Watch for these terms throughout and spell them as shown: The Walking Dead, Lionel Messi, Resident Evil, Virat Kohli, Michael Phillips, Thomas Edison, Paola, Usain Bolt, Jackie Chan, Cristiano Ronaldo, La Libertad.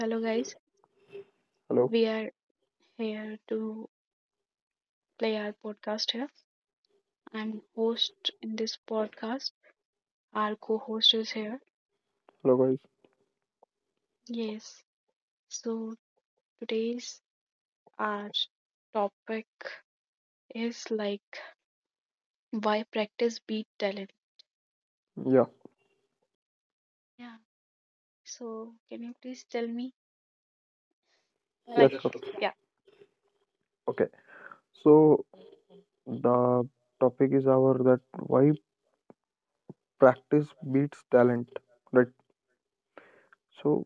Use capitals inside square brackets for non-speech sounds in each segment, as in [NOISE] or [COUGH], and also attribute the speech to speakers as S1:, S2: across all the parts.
S1: hello guys. Hello.
S2: Hello,
S1: We are here to play our podcast here. I'm host in this podcast. Our co-host is here.
S2: hello guys.
S1: Yes. So today's our topic is like why practice beat talent.
S2: Yeah,
S1: Yeah, yeah. So can you please tell me,
S2: yeah,
S1: like, yes,
S2: sure.
S1: sure. Yeah.
S2: Okay, so the topic is our that why practice beats talent, right? So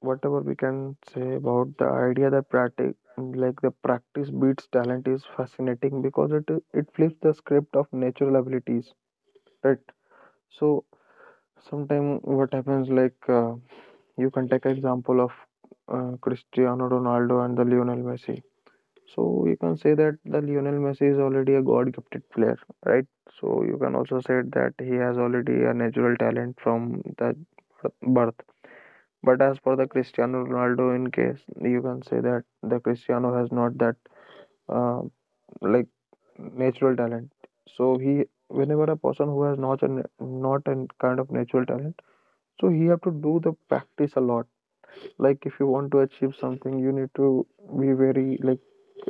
S2: whatever we can say about the idea that practice, like the practice beats talent, is fascinating because it flips the script of natural abilities, right? So sometimes what happens like you can take example of Cristiano Ronaldo and the Lionel Messi. So you can say that the Lionel Messi is already a God-gifted player, right? So you can also say that he has already a natural talent from the birth. But as for the Cristiano Ronaldo, in case you can say that the Cristiano has not that uh, like natural talent. So he, whenever a person who has not a kind of natural talent, so he have to do the practice a lot. Like if you want to achieve something you need to be very like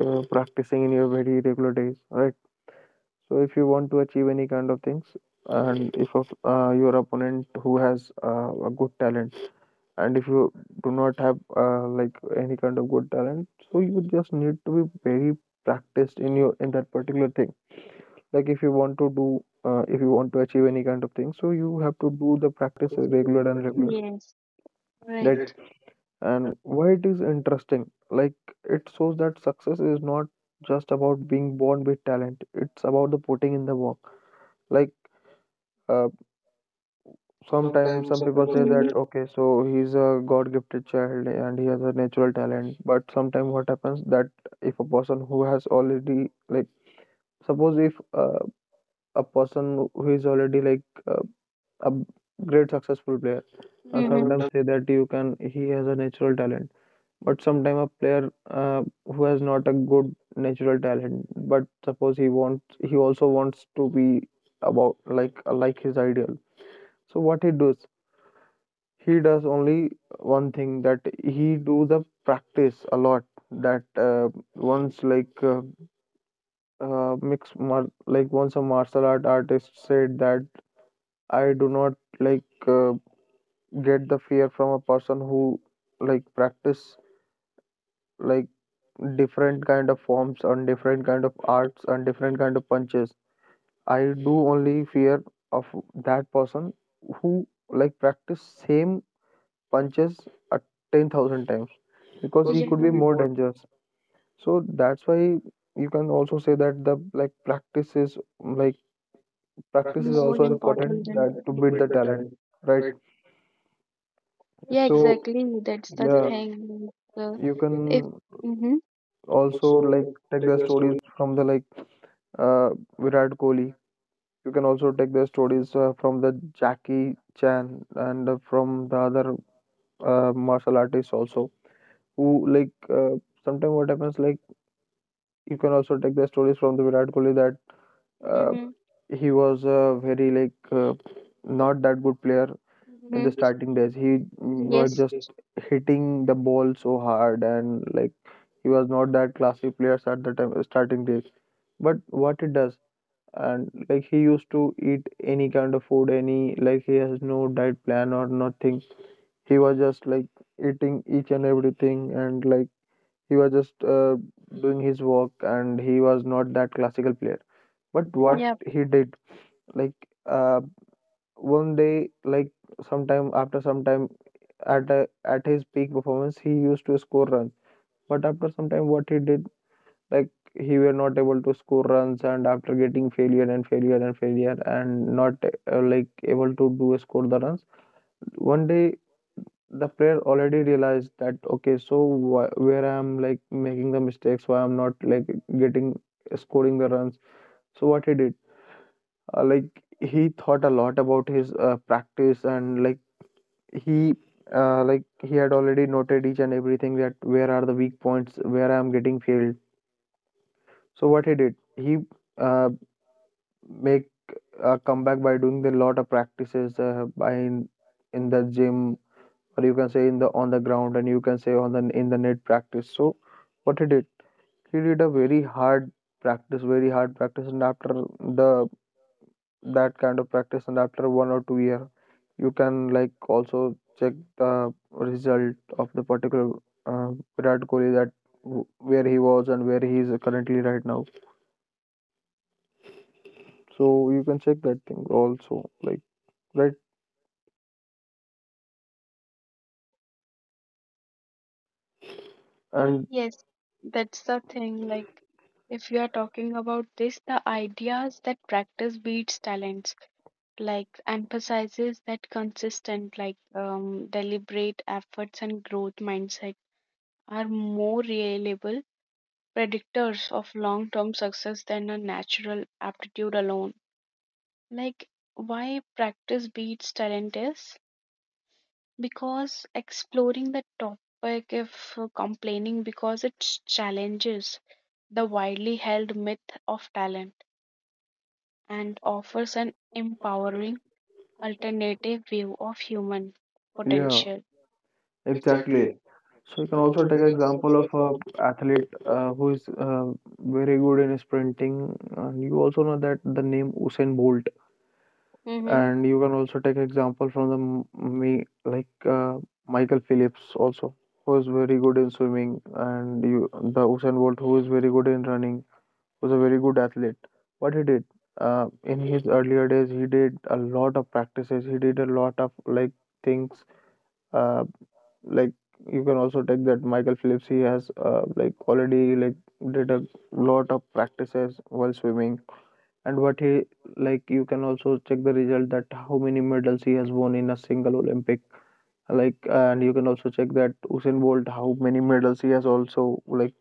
S2: practicing in your very regular days, right? So if you want to achieve any kind of things and if of, your opponent who has a good talent, and if you do not have like any kind of good talent, so you just need to be very practiced in your in that particular thing. Like if you want to do if you want to achieve any kind of thing, so you have to do the practice
S1: It's
S2: regular
S1: regular
S2: and
S1: and
S2: regular.
S1: regular. Yes. Right. That
S2: And why it is interesting, like it shows that success is not just about being born with talent, it's about the putting in the work. Like uh, sometimes
S1: sometimes
S2: some
S1: some
S2: people
S1: people say
S2: say that
S1: that
S2: okay, so he's a god gifted child and he has a natural talent, but sometimes what happens that if a person who has already like suppose if a person who is already like uh, a great successful player, and sometimes
S1: sometimes,
S2: say that you can he has a natural talent. But sometime a player who has not a good natural talent, but he also wants to be about like his ideal. So what he does only one thing that he do the practice a lot. That once like once a martial art artist said that I do not like uh, get the fear from a person who like practice like different kind of forms and different kind of arts and different kind of punches. I do only fear of that person who like practice same punches at 10,000 times because
S1: because,
S2: he
S1: yeah, it
S2: could be
S1: could be
S2: more
S1: more
S2: dangerous. So that's why you can also say that the like like practice is
S1: practice is more
S2: also
S1: also important
S2: important
S1: important
S2: that to
S1: than to
S2: beat the
S1: build the
S2: talent,
S1: talent,
S2: right?
S1: right? Yeah, so
S2: So
S1: exactly. That's the, yeah,
S2: yeah,
S1: thing. Like,
S2: you
S1: you if
S2: can
S1: can, mm-hmm,
S2: also
S1: also
S2: like
S1: like
S2: take
S1: take
S2: the
S1: the
S2: stories
S1: story,
S2: from the like uh Virat Kohli. You can also take the stories from the Jackie Chan and from the other martial artists also. Who like sometimes what happens like you can also take the stories from the Virat Kohli, that uh,
S1: mm-hmm,
S2: he was a very like not that good player in
S1: mm-hmm,
S2: the
S1: in this,
S2: starting days. He was
S1: yes,
S2: just
S1: just
S2: hitting the ball so hard, and like he was not that classy players at the time starting days. But what it does, and like he used to eat any kind of food, any like he has no diet plan or nothing. He was just like eating each and everything, and like he was just doing his work, and he was not that classical player. But what
S1: one, yeah, it
S2: he did, like uh, one day, like sometime after some time at his peak performance he used to score runs. But after some time what he did, like he were not able to score runs, and after getting failure and failure and failure, and not like able to do score the runs, one day the player already realized that okay, so where I'm like making the mistakes, why I'm not like getting scoring the runs. So what he did, like he thought a lot about his practice. And like he he had already noted each and everything, that where are the weak points, where I'm getting failed. So what he did, he uh, make come back by doing a lot of practices, in the gym, or you can say in the on the ground, and you can say on the in the net practice. So what he did, he did a very hard practice, very hard practice. And after the that kind of practice, and after 1 or 2 year you can like also check the result of the particular uh, Virat Kohli, that where he was and where he is currently right now. So you can check that thing also, like right.
S1: and
S2: And
S1: yes. That's the thing. Like, if you are talking about this, the ideas that practice beats talents. Like emphasizes that consistent, like, deliberate efforts and growth mindset are more reliable predictors of long-term success than a natural aptitude alone. Like, why practice beats talent is? Because exploring the topic, if complaining, because it challenges the widely held myth of talent and offers an empowering alternative view of human, yeah,
S2: yeah.
S1: potential. Exactly.
S2: Exactly.
S1: You
S2: So you can
S1: can
S2: also
S1: also
S2: take
S1: take
S2: example
S1: example
S2: of
S1: of a,
S2: a athlete who is very good in sprinting. And you also know that the name Usain Bolt,
S1: mm-hmm, an athlete,
S2: and you can also take example from the m- me like Michael Phillips also, who is very good in swimming, and you the Usain Bolt who is very good in running, was a very good athlete. What he did, in his earlier days, he did a lot of practices. He did a lot of like things. uh, like you can also take that Michael Phillips. He has like already like did a lot of practices while swimming, and what he like you can also check the result that how many medals he has won in a single Olympic. Like and you can also check that Usain Bolt how many medals he has also like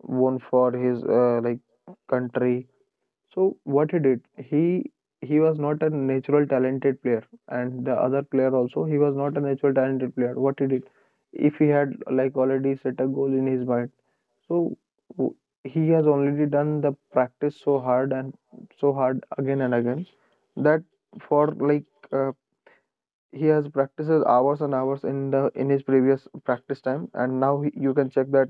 S2: won for his like country. So what he did, he was not a natural talented player, and the other player also he was not a natural talented player. What he did, if he had like already set a goal in his mind, so w- he has already done the practice so hard, and so hard again and again, that for like uh, he has practices hours and hours in the in his previous practice time, and now he, you can check that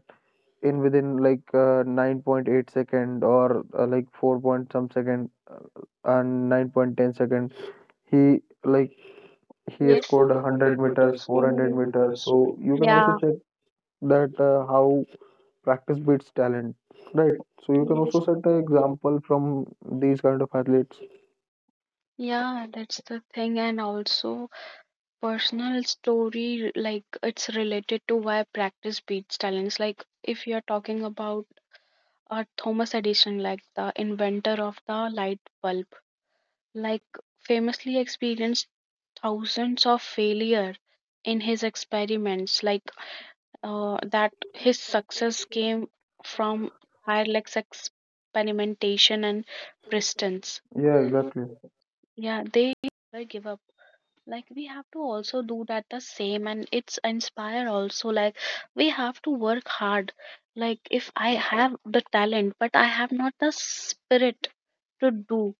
S2: in within like 9.8 second, or like 4 point some second, and 9.10 second he like he has
S1: yes,
S2: scored
S1: for the
S2: 100
S1: 100
S2: meters,
S1: meters,
S2: 400
S1: 400
S2: meters.
S1: meters.
S2: So
S1: So
S2: you
S1: you can,
S2: can also
S1: yeah, also
S2: check
S1: take,
S2: that how practice beats talent, right? So
S1: you
S2: you can
S1: can,
S2: also
S1: also
S2: set
S1: take the
S2: an
S1: example.
S2: example from these kind of athletes.
S1: Yeah, that's the thing. And also, personal story, like it's related to why practice beats talents, like if you're talking about Thomas Edison, like the inventor of the light bulb, like famously experienced thousands of failure in his experiments, like that his success came from tireless experimentation and persistence.
S2: Yeah,
S1: Yeah,
S2: exactly,
S1: exactly. Yeah, they never give up, like we have to also do that the same. And it's inspire also, like we have to work hard. Like if I have the talent but I have not the spirit to do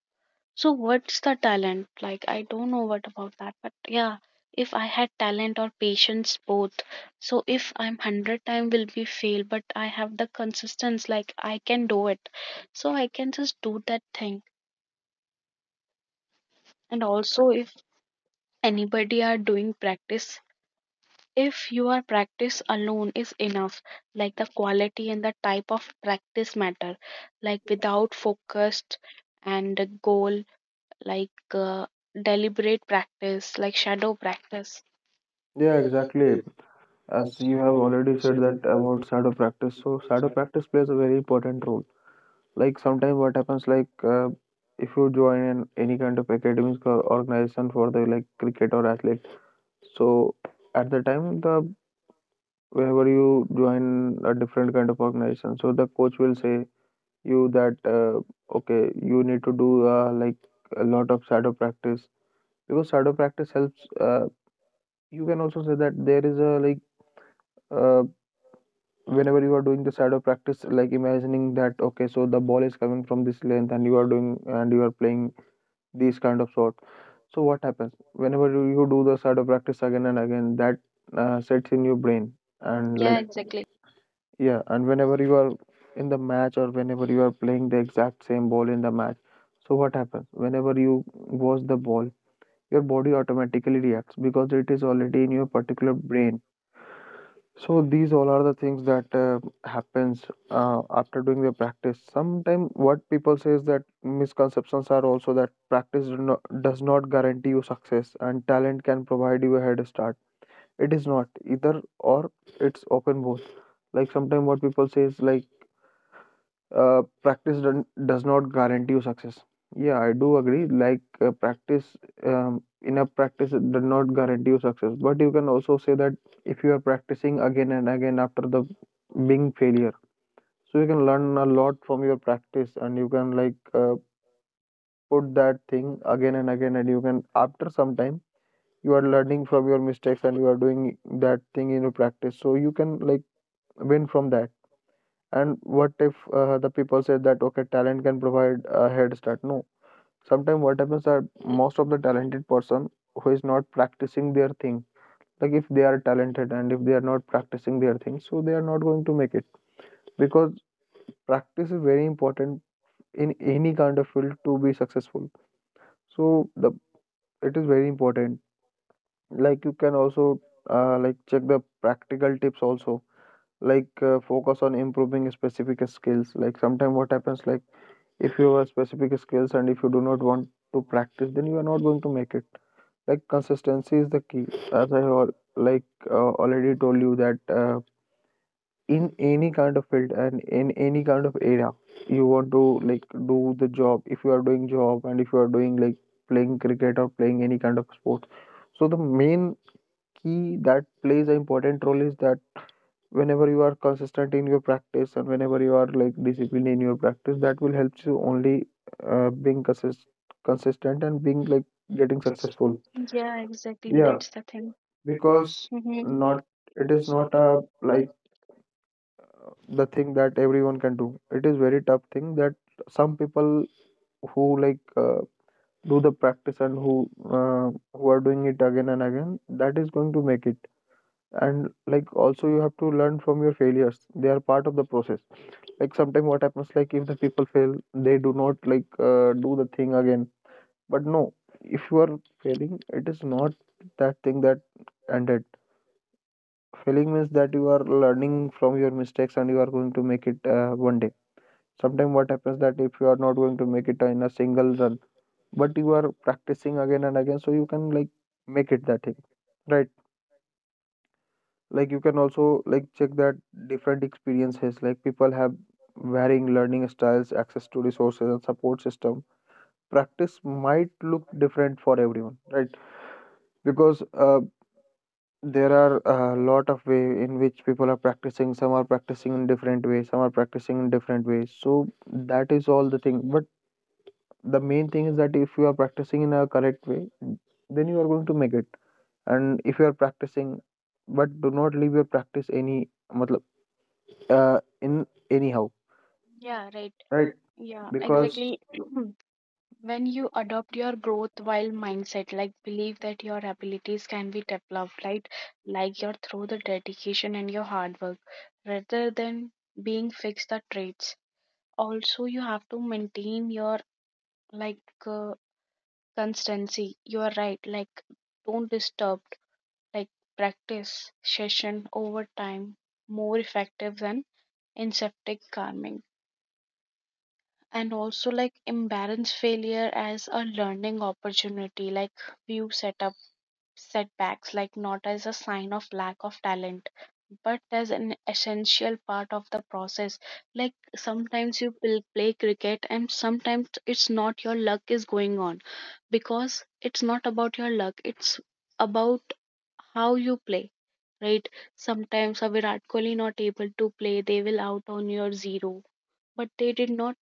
S1: so, what's the talent? Like, I don't know what about that. But yeah, if I had talent or patience both, so if I'm 100 time will be fail but I have the consistency, like I can do it, so I can just do that thing. And also, if anybody are doing practice, if your practice alone is enough, like the quality and the type of practice matter, like without focused and a goal, like deliberate practice, like shadow practice.
S2: yeah
S1: Yeah,
S2: exactly.
S1: exactly.
S2: As
S1: As
S2: you
S1: you
S2: have
S1: have
S2: already
S1: already
S2: said
S1: said
S2: that
S1: that
S2: about shadow practice,
S1: if
S2: so
S1: you
S2: shadow
S1: start
S2: practice plays a very important role. Like sometimes what happens like if you join an, any kind of academic or organization for the like cricket or athlete, so at the time the whenever you join a different kind of organization, so the coach will say you that okay, you need to do like a lot of shadow practice because shadow practice helps. You can also say that there is a like uh, whenever you are doing the shadow practice, like imagining that okay, so the ball is coming from this length, and you are doing and you are playing these kind of sort. So what happens whenever you do the shadow practice again and again, that sets in your brain,
S1: something,
S2: and
S1: yeah,
S2: like
S1: like exactly
S2: yeah, and whenever you are in the match, or whenever you are playing the exact same ball in the match, so what happens whenever you watch the ball, your body automatically reacts because it is already in your particular brain. So these all are the things that happens after doing the practice. Sometimes what people say is that misconceptions are also that practice do not, does not guarantee you success and talent can provide you a head start. It is not either or. It's open both. Like sometimes what people say is like does not guarantee you success. Yeah, I do agree. Like enough practice does not guarantee you success. But you can also say that if you are practicing again and again after the being failure, so you can learn a lot from your practice, and you can like put that thing again and again, and you can after some time you are learning from your mistakes and you are doing that thing in your practice. So you can like win from that. And what if the people say that okay, talent can provide a head start? No. Sometimes what happens that most of the talented person who is not practicing their thing, like if they are talented and if they are not practicing their thing, so they are not going to make it because practice is very important in any kind of field to be successful. So the it is very important. Like you can also like check the practical tips also. Like focus on improving specific skills. Like sometimes what happens, like if you have specific skills and if you do not want to practice, then you are not going to make it. Like consistency is the key, as I already told you that in any kind of field and in any kind of area you want to like do the job, if you are doing job and if you are doing like playing cricket or playing any kind of sport, so the main key that plays an important role is that whenever you are consistent in your practice and whenever you are like disciplined in your practice, that will help you only being consistent and being like getting successful,
S1: successful. Yeah, exactly. Yeah,
S2: yeah.
S1: that's the thing,
S2: Because
S1: because
S2: not,
S1: not
S2: it
S1: it
S2: is
S1: is not
S2: not a
S1: a,
S2: like
S1: like,
S2: the thing that everyone can do. It is very tough thing that some people who like do the practice and uh, who are doing it again and again, that is going to make it. And like also you have to learn from your failures, they are part of the process. Like sometimes what happens, like if the people fail, they do not like do the thing again. But no, if you are failing, it is not that thing that ended. Failing means that you are learning from your mistakes and you are going to make it one day. Sometimes what happens that if you are not going to make it in a single run, but you are practicing again and again, so you can like make it that thing, right? Like you can also like check that different experiences, like people have varying learning styles, access to resources and support system, practice might look different for everyone, right? Because there are a lot of way in which people are practicing. Some are practicing in different ways, some are practicing in different ways, so that is all the thing. But the main thing is that if you are practicing in a correct way, then you are going to make it. And if you are practicing, but do not leave your practice, any in anyhow,
S1: yeah, right,
S2: right?
S1: right, yeah,
S2: Because
S1: because exactly [CLEARS THROAT] when you adopt your growth while mindset, like believe that your abilities can be developed, right, like your through the dedication and your hard work rather than being fixed the traits, also you have to maintain your, like, constancy. You are right, like don't disturb, like practice session over time more effective than inceptic calming. And also, like embarrass failure as a learning opportunity, like view setup setbacks, like not as a sign of lack of talent but as an essential part of the process. Like, sometimes you will play cricket and sometimes it's not, your luck is going on, because it's not about your luck, it's about how you play, right? Sometimes a Virat Kohli not able to play, they will out on your zero. But they did not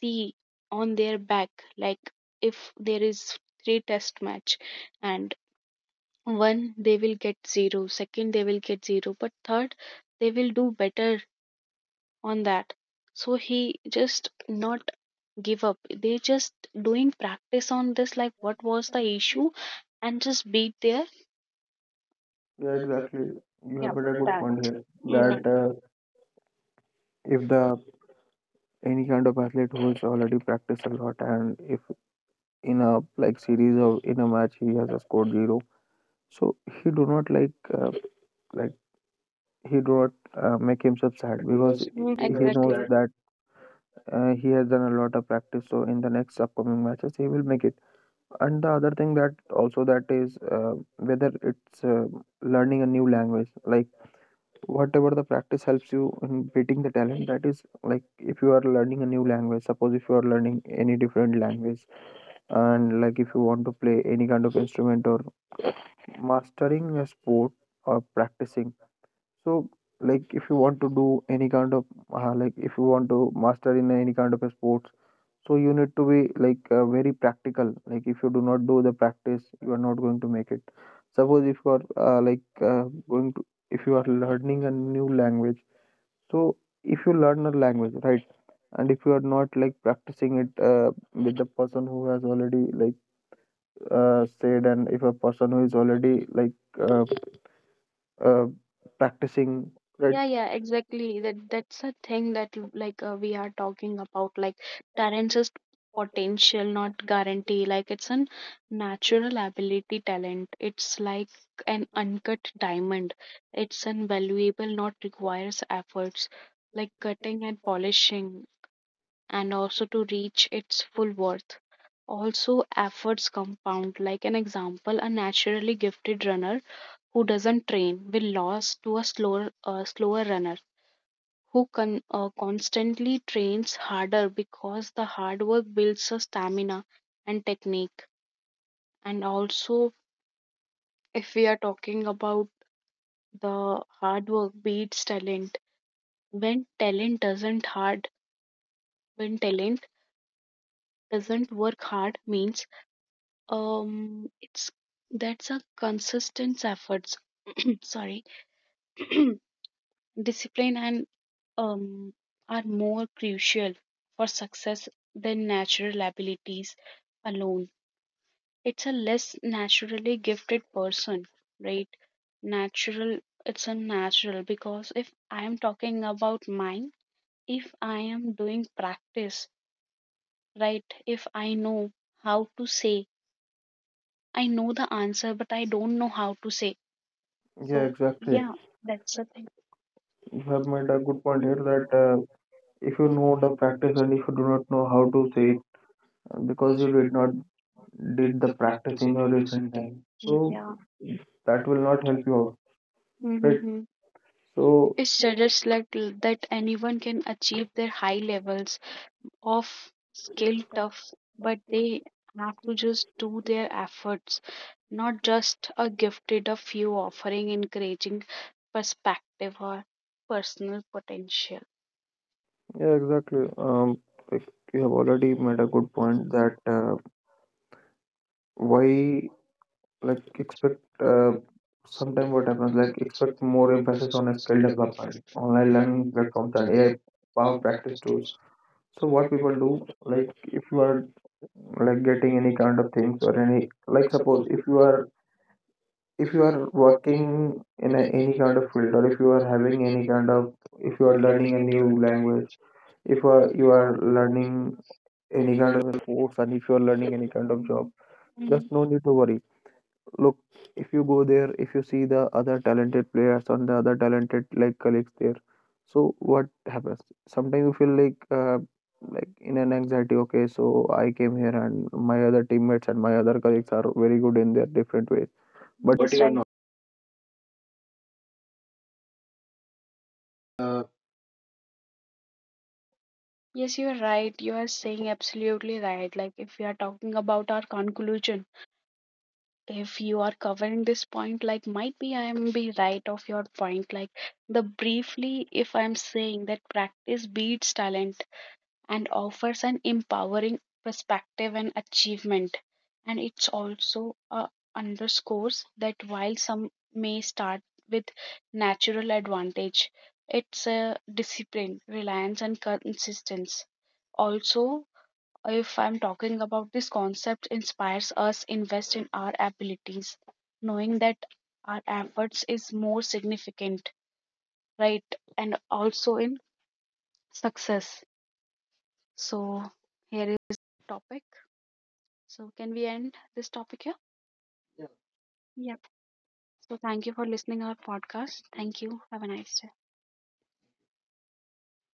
S1: see on their back. Like, if there is three test match and one they will get zero, second they will get zero, but third they will do better on that. So he just not give up, they just doing practice on this, like what was the issue and just beat their.
S2: yeah,
S1: Yeah,
S2: exactly,
S1: exactly.
S2: you
S1: Yeah,
S2: have
S1: that's
S2: made
S1: what I
S2: a
S1: put it
S2: good
S1: back
S2: point
S1: upon
S2: here
S1: you, mm-hmm,
S2: that
S1: that
S2: if
S1: if the
S2: the any kind of athlete who is already practiced a lot, and if in a like series or in a match he has a scored zero, so he do not like uh, like he do not make himself sad because
S1: because, mm-hmm, it was
S2: he
S1: exactly
S2: knows
S1: that.
S2: that he has done a lot of practice, so in the next upcoming matches he will make it. And the other thing that also, that is whether it's learning a new language, like whatever the practice helps you in beating the talent. That is like if you are learning a new language, suppose if you are learning any different language. And like if you want to play any kind of instrument or mastering a sport or practicing. So like if you want to do any kind of like if you want to master in any kind of a sports, so you need to be like very practical. Like if you do not do the practice, you are not going to make it. Suppose if you are going to, if you are learning a new language, so if you learn a language, right? And if you are not like practicing it with the person who has already like said, and if a person who is already like uh, uh, practicing, right?
S1: Yeah, yeah, exactly. That's a thing that like we are talking about, like talents is potential, not guarantee. Like it's a natural ability talent. It's like an uncut diamond. It's invaluable, not requires efforts, like cutting and polishing, and also to reach its full worth. Also, efforts compound. Like an example, a naturally gifted runner who doesn't train will lose to a slower runner who constantly trains harder because the hard work builds a stamina and technique. And also, if we are talking about the hard work beats talent, when talent doesn't hard, when talent doesn't work hard means it's that's a consistent efforts [CLEARS THROAT] sorry [CLEARS THROAT] discipline and um, are more crucial for success than natural abilities alone. It's a less naturally gifted person, right? Natural, it's unnatural because if I am talking about mine, if I am doing practice, right? If I know how to say, I know the answer, but I don't know how to say. So,
S2: Yeah,
S1: that's the thing.
S2: exactly,
S1: Yeah, that's the thing.
S2: you have
S1: That
S2: made
S1: might
S2: a
S1: have that
S2: good point here that
S1: it. That
S2: if
S1: if
S2: you
S1: you
S2: know
S1: know
S2: the
S1: the
S2: practice
S1: practice
S2: and
S1: and
S2: if
S1: if
S2: you
S1: you
S2: do not
S1: don't
S2: know
S1: know
S2: how
S1: how
S2: to
S1: to
S2: say it
S1: say.
S2: because
S1: Because
S2: you
S1: you
S2: did
S1: did
S2: not
S1: not
S2: did
S1: did
S2: the
S1: the
S2: practice
S1: practice
S2: in
S1: in
S2: your
S1: your
S2: recent
S1: recent
S2: time,
S1: time. So,
S2: so
S1: yeah,
S2: that
S1: that
S2: will
S1: will
S2: not
S1: not
S2: help
S1: help
S2: you
S1: you out.
S2: out,
S1: Right?
S2: right?
S1: Mm-hmm.
S2: So
S1: So it suggests, like that anyone can achieve their high levels of skill tough, but they have to just do their efforts, not just a gifted a few offering encouraging perspective or personal potential.
S2: yeah, exactly. Like you
S1: Yeah,
S2: have
S1: exactly.
S2: already
S1: You brought
S2: made a
S1: another good
S2: good
S1: point
S2: point that
S1: that why,
S2: why like
S1: like,
S2: expect
S1: expect
S2: uh,
S1: uh,
S2: sometime
S1: sometime
S2: what
S1: what
S2: happens,
S1: happens,
S2: like
S1: like expect
S2: expect more
S1: more
S2: emphasis
S1: emphasis
S2: on
S1: on a
S2: skill
S1: skill
S2: development,
S1: development,
S2: online
S1: online
S2: learning
S1: learning
S2: platforms
S1: platforms,
S2: and
S1: and
S2: AI
S1: AI
S2: power
S1: power
S2: practice
S1: practice
S2: tools.
S1: tools.
S2: So
S1: So
S2: what
S1: what
S2: people
S1: people do,
S2: do,
S1: like
S2: like if
S1: if
S2: you
S1: you
S2: are
S1: are,
S2: like
S1: like
S2: getting
S1: getting
S2: any
S1: any
S2: kind
S1: kind
S2: of
S1: of
S2: things
S1: things
S2: or
S1: or
S2: any,
S1: any,
S2: like
S1: like
S2: suppose
S1: suppose
S2: if
S1: if
S2: you
S1: you
S2: are,
S1: are
S2: if
S1: if
S2: you
S1: you are
S2: are working
S1: working
S2: in
S1: in
S2: a,
S1: a,
S2: any
S1: any
S2: kind
S1: kind
S2: of
S1: of
S2: field,
S1: field,
S2: or
S1: or
S2: if
S1: if
S2: you
S1: you
S2: are
S1: are having
S2: having any
S1: any
S2: kind
S1: kind of,
S2: of, if
S1: if
S2: you
S1: you
S2: are
S1: are
S2: learning
S1: learning
S2: a
S1: a new
S2: new language,
S1: language, if
S2: if
S1: you are,
S2: you
S1: you are
S2: are learning
S1: learning
S2: any
S1: any
S2: kind
S1: kind
S2: of a
S1: of
S2: sports, and if you are learning
S1: any
S2: any kind
S1: kind
S2: of
S1: of
S2: job,
S1: job, hmm
S2: just no need to worry. Look, if you go there, if you see the other talented players and the other talented like colleagues there, so what happens sometimes you feel like in an anxiety. Okay, so I came here and my other teammates and my other colleagues are very good in their different ways.
S1: but that's you are right. Not. uh, Yes, you're right. You are saying absolutely right. Like, if we are talking about our conclusion, if you are covering this point, like, might be I am be right of your point. Like, the briefly, if I'm saying that practice beats talent, and offers an empowering perspective and achievement. And it's also underscores that while some may start with natural advantage, it's a discipline, reliance, and consistency. Also, if I'm talking about this concept, inspires us invest in our abilities, knowing that our efforts is more significant, right? And also in success. So here is topic. So, can we end this topic here? Yeah. Yep. So, thank you for listening our podcast. Thank you. Have a nice day.